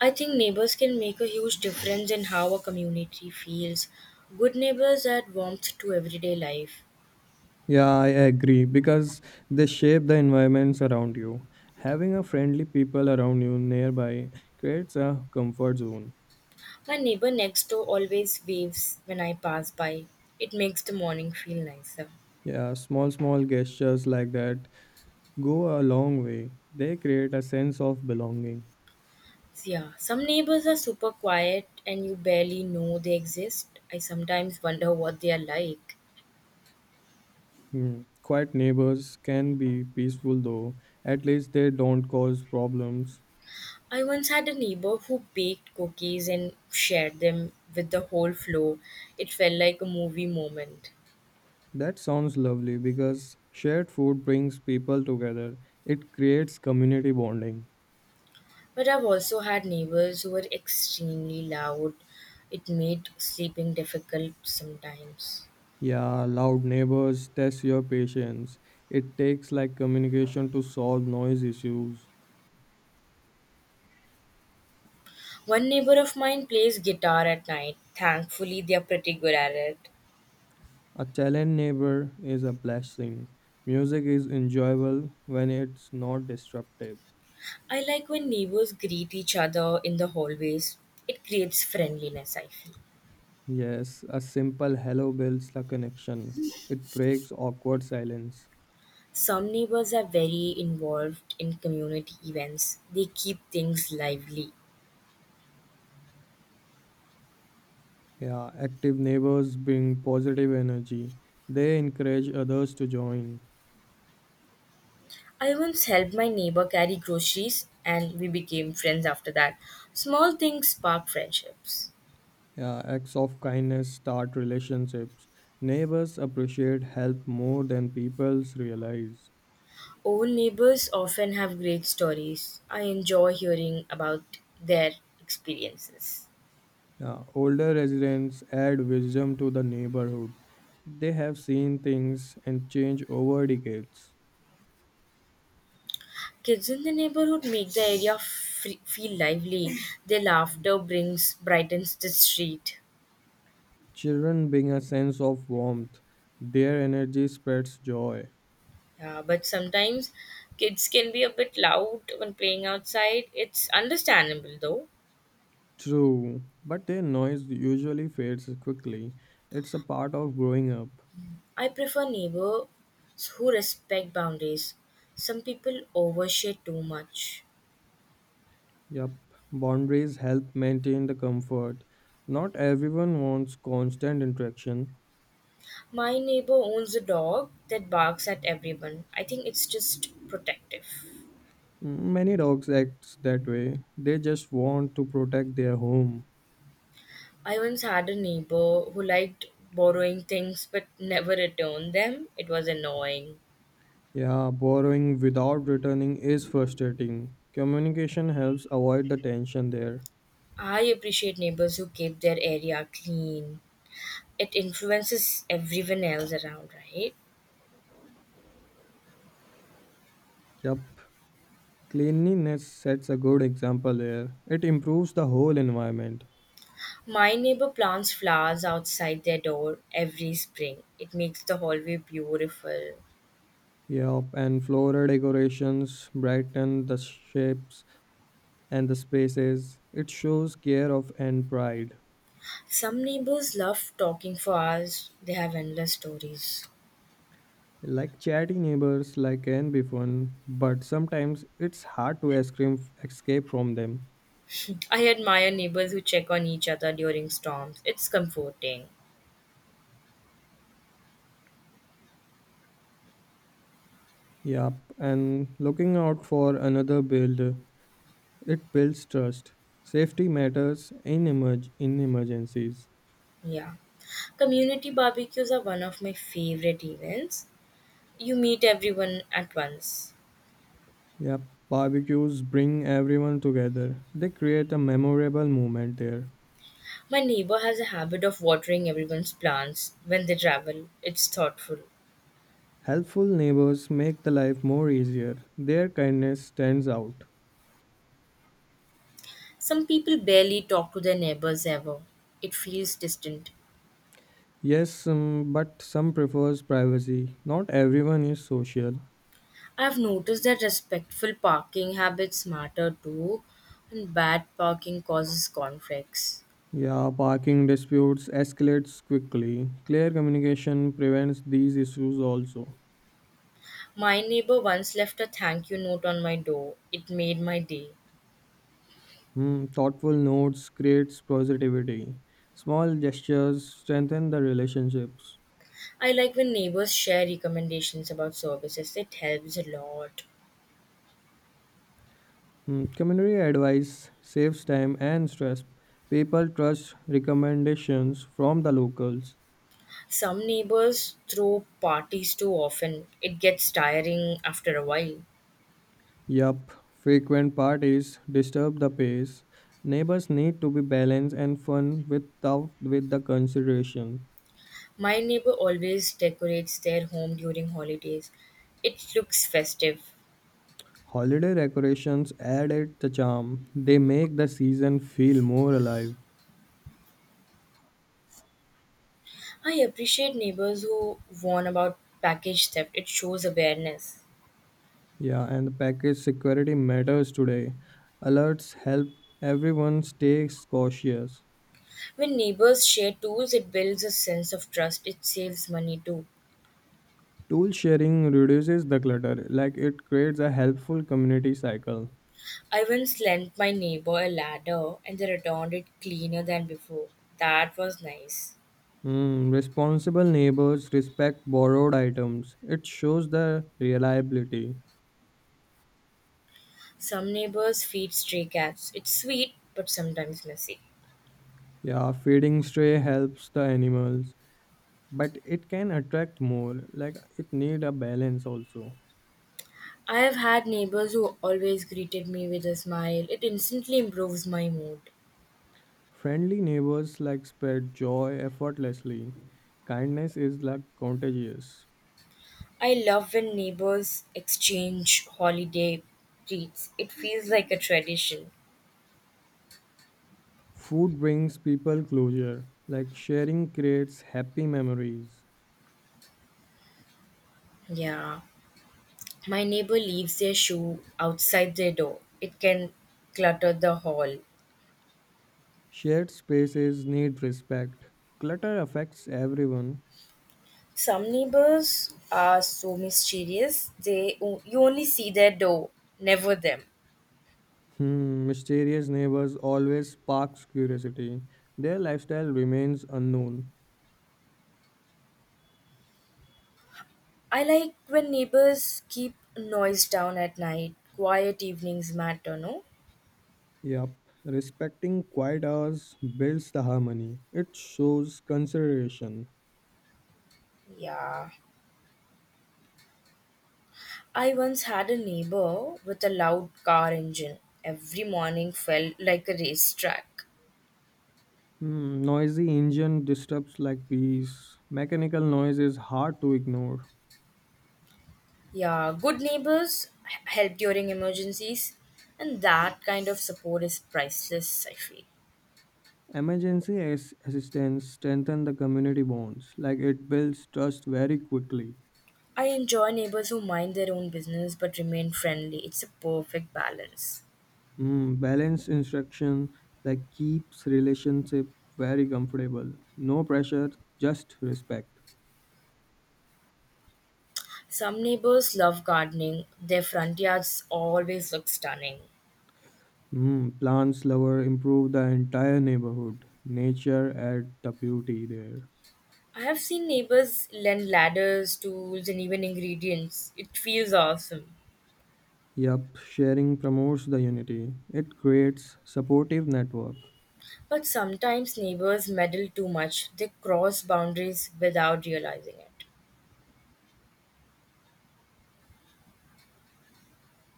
I think neighbors can make a huge difference in how a community feels. Good neighbors add warmth to everyday life. Yeah, I agree because they shape the environments around you. Having a friendly people around you nearby creates a comfort zone. My neighbor next door always waves when I pass by. It makes the morning feel nicer. Yeah, small gestures like that go a long way. They create a sense of belonging. Yeah, some neighbors are super quiet and you barely know they exist. I sometimes wonder what they are like. Hmm. Quiet neighbors can be peaceful though. At least they don't cause problems. I once had a neighbor who baked cookies and shared them with the whole floor. It felt like a movie moment. That sounds lovely because shared food brings people together. It creates community bonding. But I've also had neighbors who were extremely loud. It made sleeping difficult sometimes. Yeah, loud neighbors test your patience. It takes like communication to solve noise issues. One neighbor of mine plays guitar at night. Thankfully, they are pretty good at it. A challenged neighbor is a blessing. Music is enjoyable when it's not disruptive. I like when neighbors greet each other in the hallways. It creates friendliness, I feel. Yes, a simple hello builds the connection. It breaks awkward silence. Some neighbors are very involved in community events. They keep things lively. Yeah, active neighbors bring positive energy. They encourage others to join. I once helped my neighbor carry groceries and we became friends after that. Small things spark friendships. Yeah, acts of kindness start relationships. Neighbors appreciate help more than people realize. Old neighbors often have great stories. I enjoy hearing about their experiences. Yeah, older residents add wisdom to the neighborhood. They have seen things and change over decades. Kids in the neighborhood make the area feel lively. Their laughter brings brightens the street. Children bring a sense of warmth. Their energy spreads joy. Yeah, but sometimes kids can be a bit loud when playing outside. It's understandable though. True, but their noise usually fades quickly. It's a part of growing up. I prefer neighbors who respect boundaries. Some people overshare too much. Yep, boundaries help maintain the comfort. Not everyone wants constant interaction. My neighbor owns a dog that barks at everyone. I think it's just protective. Many dogs act that way. They just want to protect their home. I once had a neighbor who liked borrowing things but never returned them. It was annoying. Yeah, borrowing without returning is frustrating. Communication helps avoid the tension there. I appreciate neighbors who keep their area clean. It influences everyone else around, right? Yep, cleanliness sets a good example there. It improves the whole environment. My neighbor plants flowers outside their door every spring. It makes the hallway beautiful. Yep, and floral decorations brighten the shapes and the spaces it shows care of and pride. Some neighbors love talking for hours, they have endless stories. Like chatty neighbors like can be fun, but sometimes it's hard to escape from them. I admire neighbors who check on each other during storms. It's comforting. Yup, and looking out for another build, it builds trust. Safety matters in emergencies. Yeah. Community barbecues are one of my favorite events. You meet everyone at once. Yup, barbecues bring everyone together. They create a memorable moment there. My neighbor has a habit of watering everyone's plants when they travel. It's thoughtful. Helpful neighbors make the life more easier. Their kindness stands out. Some people barely talk to their neighbors ever. It feels distant. Yes, but some prefers privacy. Not everyone is social. I've noticed that respectful parking habits matter too, and bad parking causes conflicts. Yeah, parking disputes escalates quickly. Clear communication prevents these issues also. My neighbor once left a thank you note on my door. It made my day. Hmm, thoughtful notes creates positivity. Small gestures strengthen the relationships. I like when neighbors share recommendations about services, it helps a lot. Hmm, community advice saves time and stress. People trust recommendations from the locals. Some neighbors throw parties too often, it gets tiring after a while. Yup, frequent parties disturb the pace. Neighbors need to be balanced and fun without with the consideration. My neighbor always decorates their home during holidays, it looks festive. Holiday decorations add it the charm. They make the season feel more alive. I appreciate neighbors who warn about package theft, it shows awareness. Yeah, and the package security matters today. Alerts help everyone stay cautious. When neighbors share tools, it builds a sense of trust, it saves money too. Tool sharing reduces the clutter, like it creates a helpful community cycle. I once lent my neighbor a ladder and they returned it cleaner than before. That was nice. Hmm. Responsible neighbors respect borrowed items. It shows their reliability. Some neighbors feed stray cats. It's sweet but sometimes messy. Yeah, feeding stray helps the animals, but it can attract more. Like it need a balance also. I have had neighbors who always greeted me with a smile. It instantly improves my mood. Friendly neighbors like spread joy effortlessly. Kindness is like contagious. I love when neighbors exchange holiday treats. It feels like a tradition. Food brings people closure. Like sharing creates happy memories. Yeah. My neighbor leaves their shoe outside their door. It can clutter the hall. Shared spaces need respect. Clutter affects everyone. Some neighbors are so mysterious, they you only see their door, never them. Hmm, mysterious neighbors always sparks curiosity. Their lifestyle remains unknown. I like when neighbors keep noise down at night. Quiet evenings matter, no? Yup, respecting quiet hours builds the harmony. It shows consideration. Yeah. I once had a neighbor with a loud car engine. Every morning felt like a racetrack. Hmm, noisy engine disturbs like peace. Mechanical noise is hard to ignore. Yeah, good neighbors help during emergencies, and that kind of support is priceless, I feel. Emergency assistance strengthen the community bonds. Like it builds trust very quickly. I enjoy neighbors who mind their own business but remain friendly. It's a perfect balance. Mm, balanced instruction like keeps relationship very comfortable. No pressure, just respect. Some neighbors love gardening, their front yards always look stunning. Mm, plants lover improve the entire neighborhood. Nature add the beauty there. I have seen neighbors lend ladders, tools, and even ingredients. It feels awesome. Yup, sharing promotes the unity. It creates supportive network. But sometimes neighbors meddle too much, they cross boundaries without realizing it.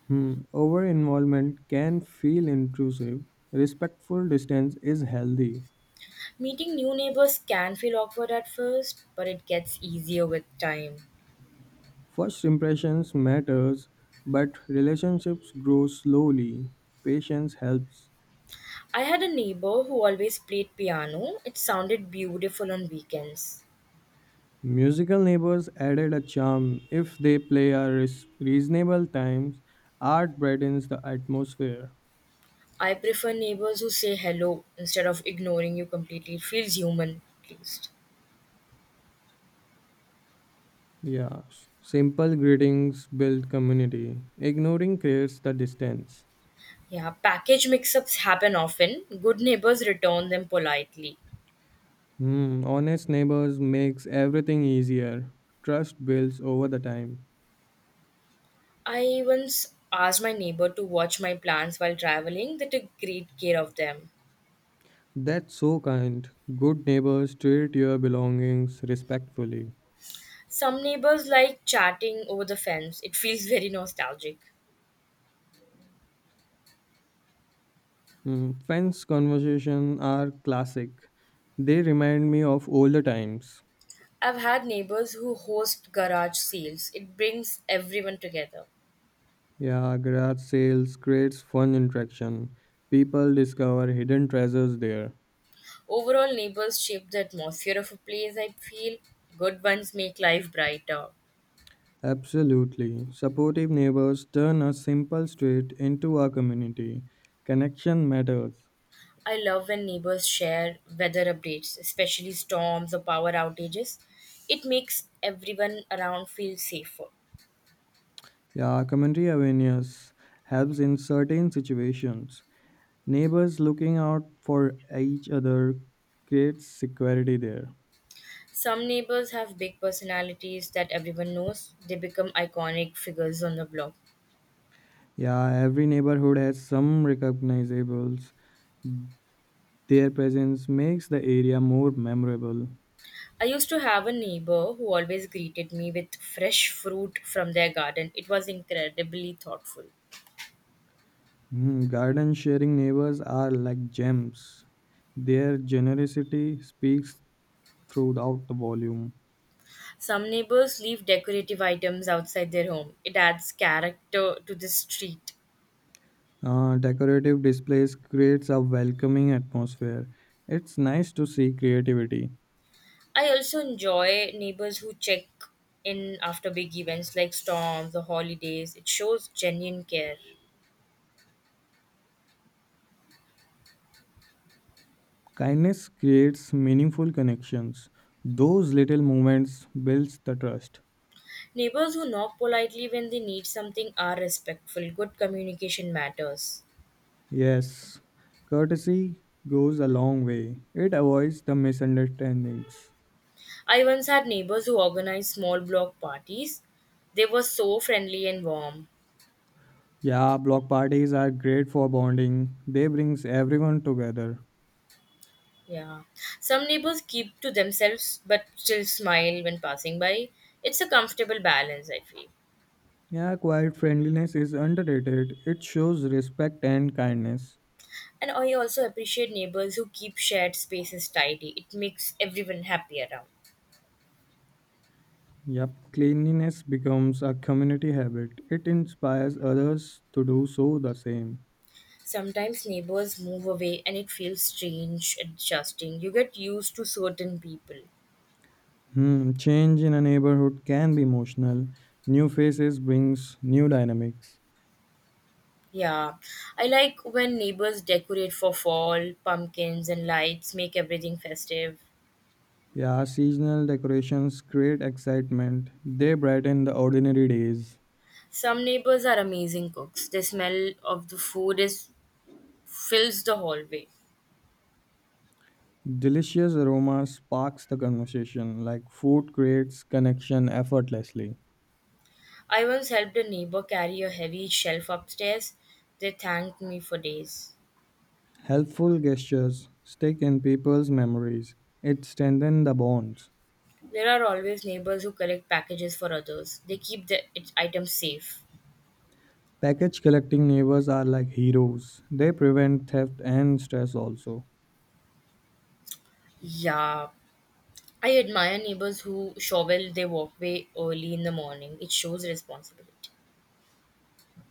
Hmm. Over involvement can feel intrusive. Respectful distance is healthy. Meeting new neighbors can feel awkward at first, but it gets easier with time. First impressions matters, but relationships grow slowly. Patience helps. I had a neighbor who always played piano. It sounded beautiful on weekends. Musical neighbors added a charm if they play at reasonable times. Art brightens the atmosphere. I prefer neighbors who say hello instead of ignoring you completely. It feels human, at least. Yeah, simple greetings build community. Ignoring creates the distance. Yeah, package mix ups happen often. Good neighbors return them politely. Hmm, honest neighbors makes everything easier. Trust builds over the time. I once asked my neighbor to watch my plants while traveling. They took great care of them. That's so kind. Good neighbors treat your belongings respectfully. Some neighbors like chatting over the fence. It feels very nostalgic. Mm, friends' conversation are classic. They remind me of older times. I've had neighbors who host garage sales. It brings everyone together. Yeah, garage sales creates fun interaction. People discover hidden treasures there. Overall, neighbors shape the atmosphere of a place, I feel. Good ones make life brighter. Absolutely. Supportive neighbors turn a simple street into a community. Connection matters. I love when neighbors share weather updates, especially storms or power outages. It makes everyone around feel safer. Yeah, community awareness helps in certain situations. Neighbors looking out for each other creates security there. Some neighbors have big personalities that everyone knows. They become iconic figures on the block. Yeah, every neighborhood has some recognizables. Their presence makes the area more memorable. I used to have a neighbor who always greeted me with fresh fruit from their garden. It was incredibly thoughtful. Mm, garden sharing neighbors are like gems. Their generosity speaks throughout the volume. Some neighbors leave decorative items outside their home. It adds character to the street. Decorative displays creates a welcoming atmosphere. It's nice to see creativity. I also enjoy neighbors who check in after big events like storms or holidays. It shows genuine care. Kindness creates meaningful connections. Those little moments builds the trust. Neighbors who knock politely when they need something are respectful. Good communication matters. Yes, courtesy goes a long way. It avoids the misunderstandings. I once had neighbors who organized small block parties. They were so friendly and warm. Yeah, block parties are great for bonding. They brings everyone together. Yeah. Some neighbors keep to themselves but still smile when passing by. It's a comfortable balance, I feel. Yeah, quiet friendliness is underrated. It shows respect and kindness. And I also appreciate neighbors who keep shared spaces tidy. It makes everyone happy around. Yep, cleanliness becomes a community habit. It inspires others to do so the same. Sometimes neighbors move away and it feels strange, adjusting. You get used to certain people. Hmm, change in a neighborhood can be emotional. New faces brings new dynamics. Yeah. I like when neighbors decorate for fall, pumpkins and lights, make everything festive. Yeah, seasonal decorations create excitement. They brighten the ordinary days. Some neighbors are amazing cooks. The smell of the food is fills the hallway. Delicious aroma sparks the conversation, like food creates connection effortlessly. I once helped a neighbor carry a heavy shelf upstairs. They thanked me for days. Helpful gestures stick in people's memories. It strengthens the bonds. There are always neighbors who collect packages for others. They keep the items safe. Package collecting neighbors are like heroes. They prevent theft and stress also. Yeah, I admire neighbors who shovel their walkway early in the morning. It shows responsibility.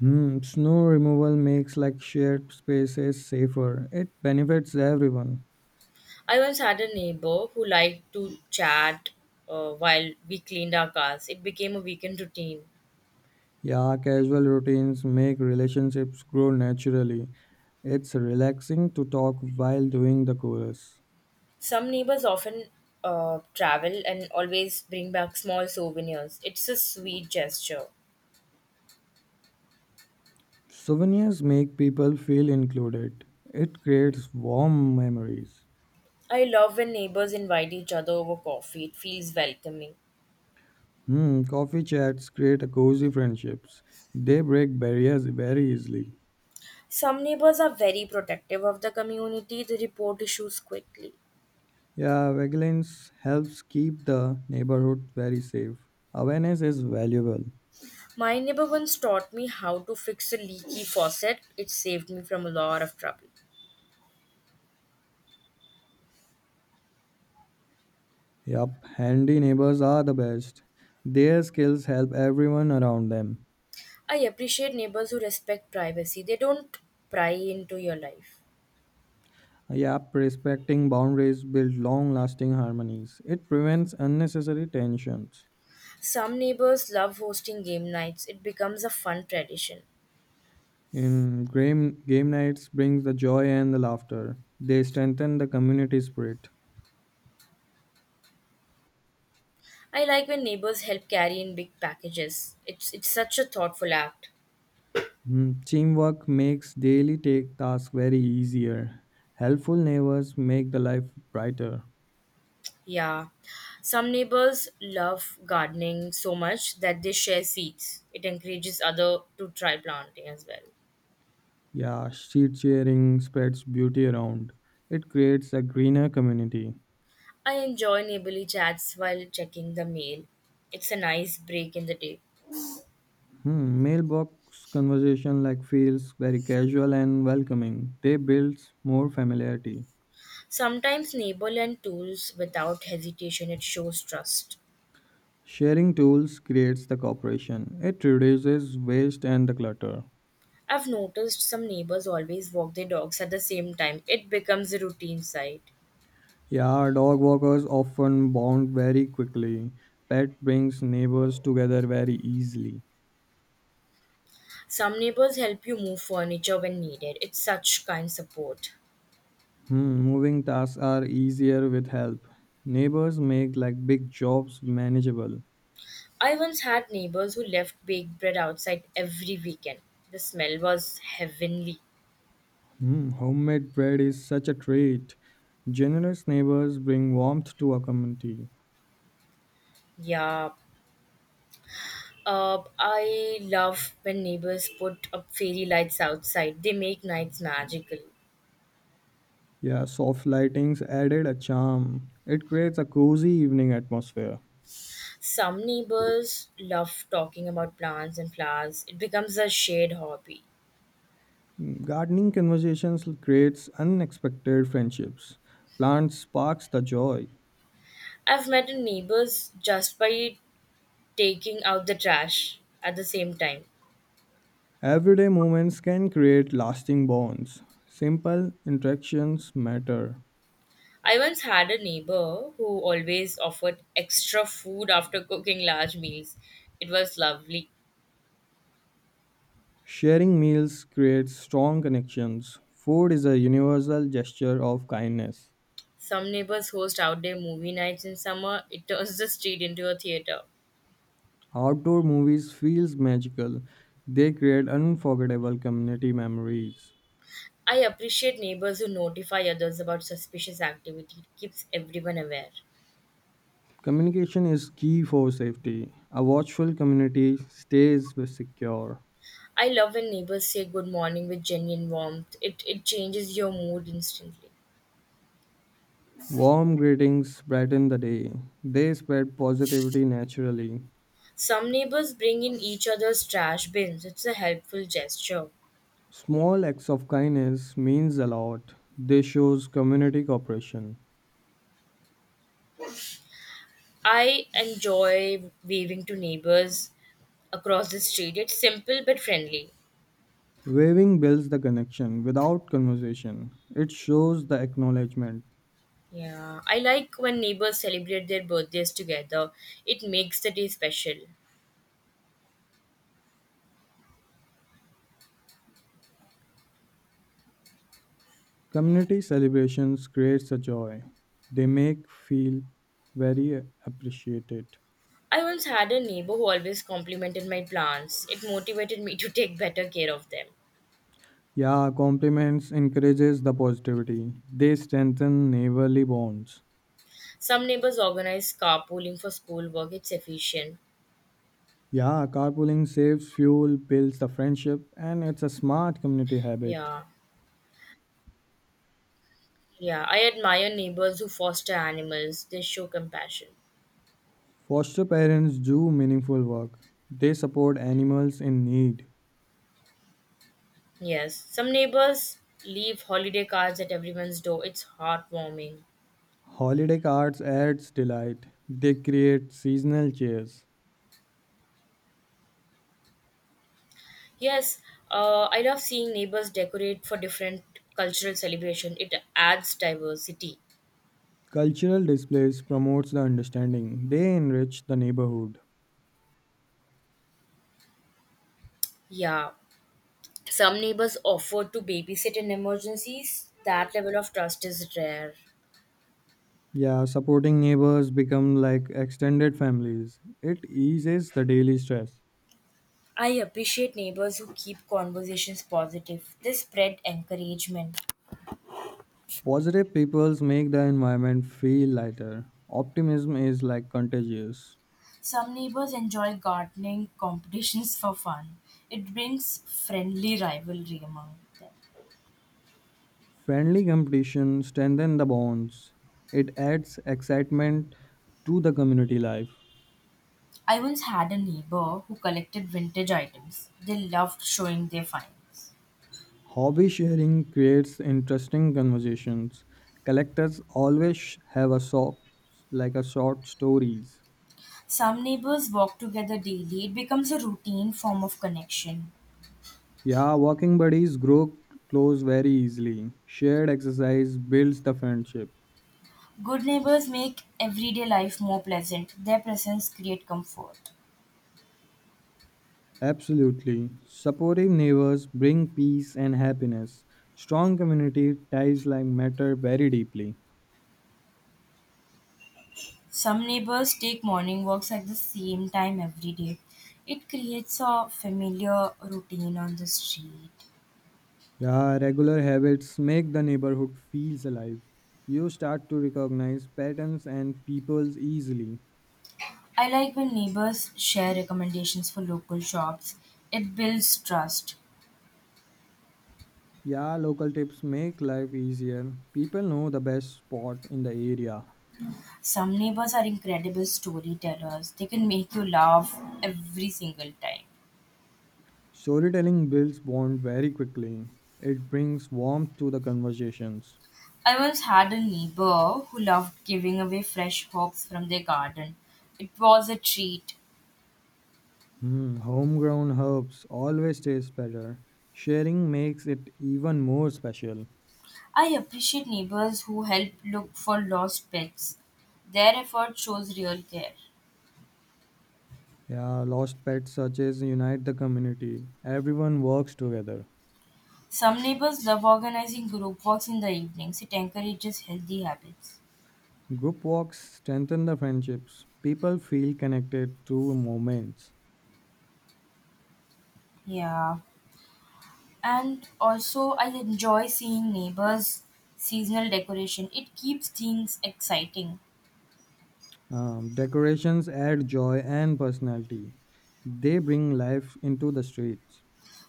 Hmm, snow removal makes like shared spaces safer. It benefits everyone. I once had a neighbor who liked to chat while we cleaned our cars. It became a weekend routine. Yeah, casual routines make relationships grow naturally. It's relaxing to talk while doing the chorus. Some neighbors often travel and always bring back small souvenirs. It's a sweet gesture. Souvenirs make people feel included. It creates warm memories. I love when neighbors invite each other over coffee, it feels welcoming. Hmm, coffee chats create a cozy friendships. They break barriers very easily. Some neighbors are very protective of the community, they report issues quickly. Yeah, vigilance helps keep the neighborhood very safe. Awareness is valuable. My neighbor once taught me how to fix a leaky faucet, it saved me from a lot of trouble. Yup, handy neighbors are the best. Their skills help everyone around them. I appreciate neighbors who respect privacy, they don't pry into your life. Yep, respecting boundaries builds long lasting harmonies. It prevents unnecessary tensions. Some neighbors love hosting game nights, it becomes a fun tradition. Game nights brings the joy and the laughter. They strengthen the community spirit. I like when neighbors help carry in big packages. It's such a thoughtful act. Mm, teamwork makes daily take tasks very easier. Helpful neighbors make the life brighter. Yeah. Some neighbors love gardening so much that they share seeds. It encourages other to try planting as well. Yeah, sheet sharing spreads beauty around. It creates a greener community. I enjoy neighborly chats while checking the mail. It's a nice break in the day. Hmm, mailbox conversation like feels very casual and welcoming. They builds more familiarity. Sometimes neighbor lend tools without hesitation. It shows trust. Sharing tools creates the cooperation. It reduces waste and the clutter. I've noticed some neighbors always walk their dogs at the same time. It becomes a routine sight. Yeah, dog walkers often bond very quickly. Pet brings neighbors together very easily. Some neighbors help you move furniture when needed. It's such kind support. Hmm, moving tasks are easier with help. Neighbors make like big jobs manageable. I once had neighbors who left baked bread outside every weekend. The smell was heavenly. Mm, homemade bread is such a treat. Generous neighbors bring warmth to a community. Yeah. I love when neighbors put up fairy lights outside. They make nights magical. Yeah, soft lightings added a charm. It creates a cozy evening atmosphere. Some neighbors love talking about plants and flowers. It becomes a shared hobby. Mm, gardening conversations creates unexpected friendships. Plants sparks the joy. I've met neighbors just by taking out the trash at the same time. Everyday moments can create lasting bonds. Simple interactions matter. I once had a neighbor who always offered extra food after cooking large meals. It was lovely. Sharing meals creates strong connections. Food is a universal gesture of kindness. Some neighbors host outdoor movie nights in summer, it turns the street into a theater. Outdoor movies feels magical. They create unforgettable community memories. I appreciate neighbors who notify others about suspicious activity, it keeps everyone aware. Communication is key for safety. A watchful community stays secure. I love when neighbors say good morning with genuine warmth, it changes your mood instantly. Warm greetings brighten the day. They spread positivity naturally. Some neighbors bring in each other's trash bins, it's a helpful gesture. Small acts of kindness means a lot. They shows community cooperation. I enjoy waving to neighbors across the street. It's simple but friendly. Waving builds the connection without conversation. It shows the acknowledgement. Yeah, I like when neighbors celebrate their birthdays together. It makes the day special. Community celebrations creates a joy. They make feel very appreciated. I once had a neighbor who always complimented my plants. It motivated me to take better care of them. Yeah, compliments encourages the positivity. They strengthen neighborly bonds. Some neighbors organize carpooling for schoolwork. It's efficient. Yeah, carpooling saves fuel, builds the friendship, and it's a smart community habit. Yeah. Yeah, I admire neighbors who foster animals. They show compassion. Foster parents do meaningful work. They support animals in need. Yes, some neighbors leave holiday cards at everyone's door. It's heartwarming. Holiday cards adds delight. They create seasonal cheers. Yes, I love seeing neighbors decorate for different cultural celebration. It adds diversity. Cultural displays promotes the understanding. They enrich the neighborhood. Yeah, some neighbors offer to babysit in emergencies. That level of trust is rare. Yeah, supporting neighbors become like extended families. It eases the daily stress. I appreciate neighbors who keep conversations positive. They spread encouragement. Positive peoples make the environment feel lighter. Optimism is like contagious. Some neighbors enjoy gardening competitions for fun. It brings friendly rivalry among them. Friendly competition strengthens the bonds. It adds excitement to the community life. I once had a neighbor who collected vintage items. They loved showing their finds. Hobby sharing creates interesting conversations. Collectors always have a shop like a short stories. Some neighbors walk together daily, it becomes a routine form of connection. Yeah, working buddies grow close very easily. Shared exercise builds the friendship. Good neighbors make everyday life more pleasant, their presence creates comfort. Absolutely. Supportive neighbors bring peace and happiness. Strong community ties like matter very deeply. Some neighbors take morning walks at the same time every day. It creates a familiar routine on the street. Yeah, regular habits make the neighborhood feels alive. You start to recognize patterns and peoples easily. I like when neighbors share recommendations for local shops. It builds trust. Yeah, local tips make life easier. People know the best spot in the area. Some neighbors are incredible storytellers. They can make you laugh every single time. Storytelling builds bond very quickly. It brings warmth to the conversations. I once had a neighbor who loved giving away fresh herbs from their garden. It was a treat. Hmm, homegrown herbs always taste better. Sharing makes it even more special. I appreciate neighbors who help look for lost pets. Their effort shows real care. Yeah, lost pet searches unite the community. Everyone works together. Some neighbors love organizing group walks in the evenings. It encourages healthy habits. Group walks strengthen the friendships. People feel connected through moments. Yeah. And also, I enjoy seeing neighbors' seasonal decoration. It keeps things exciting. Decorations add joy and personality. They bring life into the streets.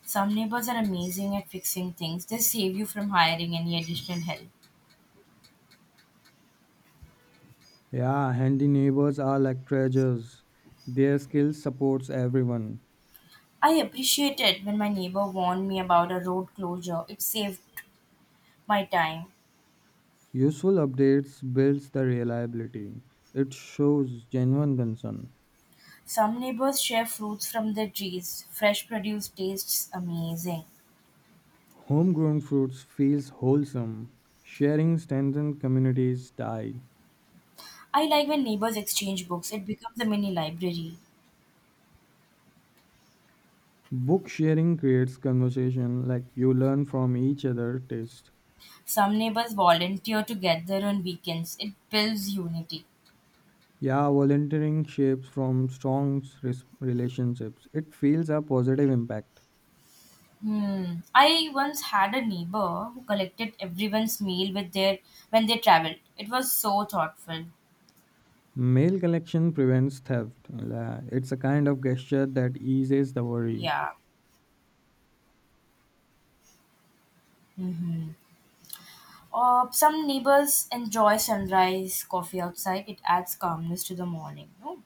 Some neighbors are amazing at fixing things. They save you from hiring any additional help. Yeah, handy neighbors are like treasures. Their skill supports everyone. I appreciate it when my neighbor warned me about a road closure. It saved my time. Useful updates builds the reliability. It shows genuine concern. Some neighbors share fruits from their trees. Fresh produce tastes amazing. Homegrown fruits feels wholesome. Sharing strengthens communities tie. I like when neighbors exchange books. It becomes a mini library. Book sharing creates conversation like you learn from each other taste. Some neighbors volunteer together on weekends. It builds unity. Yeah, volunteering shapes from strong relationships. It feels a positive impact. Hmm. I once had a neighbor who collected everyone's meal with their when they traveled. It was so thoughtful. Mail collection prevents theft. It's a kind of gesture that eases the worry. Yeah. Mhm. Some neighbors enjoy sunrise coffee outside. It adds calmness to the morning. No?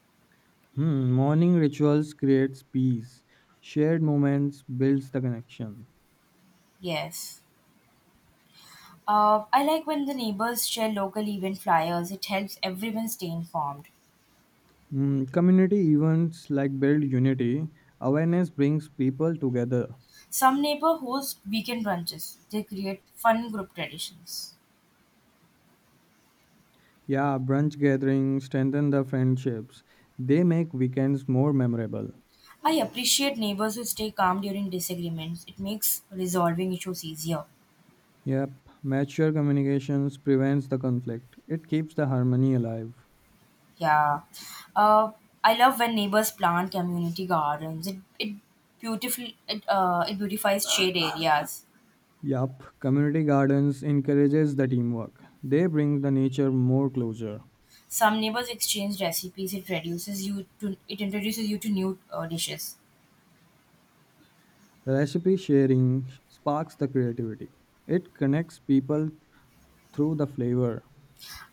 Hmm, morning rituals creates peace. Shared moments builds the connection. Yes. I like when the neighbors share local event flyers. It helps everyone stay informed. Hmm, community events like build unity. Awareness brings people together. Some neighbor host weekend brunches. They create fun group traditions. Yeah, brunch gatherings strengthen the friendships. They make weekends more memorable. I appreciate neighbors who stay calm during disagreements. It makes resolving issues easier. Yep, mature communications prevents the conflict. It keeps the harmony alive. Yeah. Uh, I love when neighbors plant community gardens. It beautiful it it beautifies shade areas. Yup, community gardens encourages the teamwork. They bring the nature more closer. Some neighbors exchange recipes. It introduces you to new dishes. Recipe sharing sparks the creativity. It connects people through the flavor.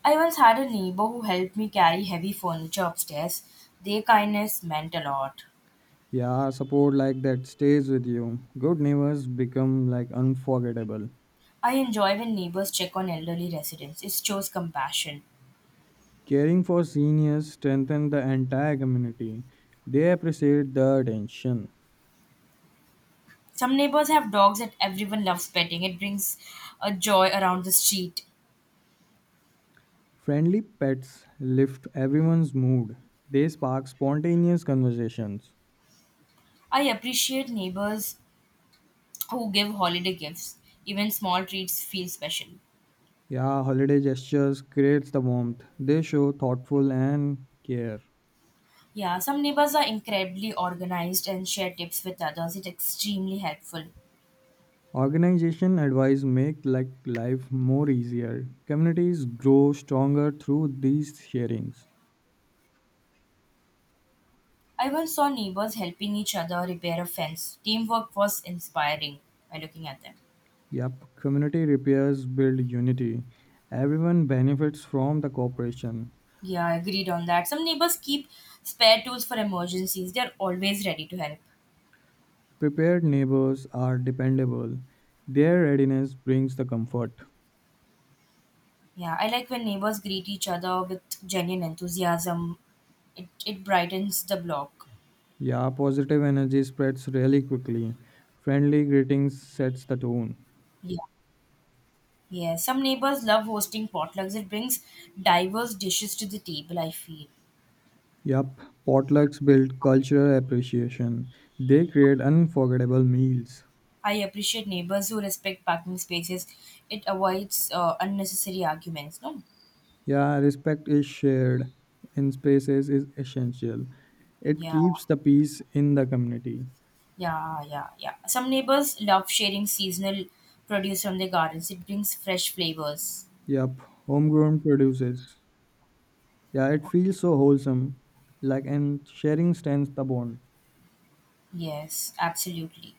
I once had a neighbor who helped me carry heavy furniture upstairs. Their kindness meant a lot. Yeah, support like that stays with you. Good neighbors become like unforgettable. I enjoy when neighbors check on elderly residents. It shows compassion. Caring for seniors strengthen the entire community. They appreciate the attention. Some neighbors have dogs that everyone loves petting. It brings a joy around the street. Friendly pets lift everyone's mood. They spark spontaneous conversations. I appreciate neighbors who give holiday gifts. Even small treats feel special. Yeah, holiday gestures creates the warmth. They show thoughtful and care. Yeah, some neighbors are incredibly organized and share tips with others. It's extremely helpful. Organization advice make like life more easier. Communities grow stronger through these sharings. I once saw neighbors helping each other repair a fence. Teamwork was inspiring by looking at them. Yep, community repairs build unity. Everyone benefits from the cooperation. Yeah, I agreed on that. Some neighbors keep spare tools for emergencies. They're always ready to help. Prepared neighbors are dependable. Their readiness brings the comfort. Yeah, I like when neighbors greet each other with genuine enthusiasm. It brightens the block. Yeah, positive energy spreads really quickly. Friendly greetings sets the tone. Yeah. Yeah, some neighbors love hosting potlucks. It brings diverse dishes to the table, I feel. Yup, potlucks build cultural appreciation. They create unforgettable meals. I appreciate neighbors who respect parking spaces. It avoids unnecessary arguments, no? Yeah, respect is shared in spaces is essential. It Yeah, keeps the peace in the community. yeah, yeah, yeah. Some neighbors love sharing seasonal produce from their gardens. It brings fresh flavors. Yup, homegrown produces. Yeah, it feels so wholesome. Like and sharing strengthens the bond. Yes, absolutely.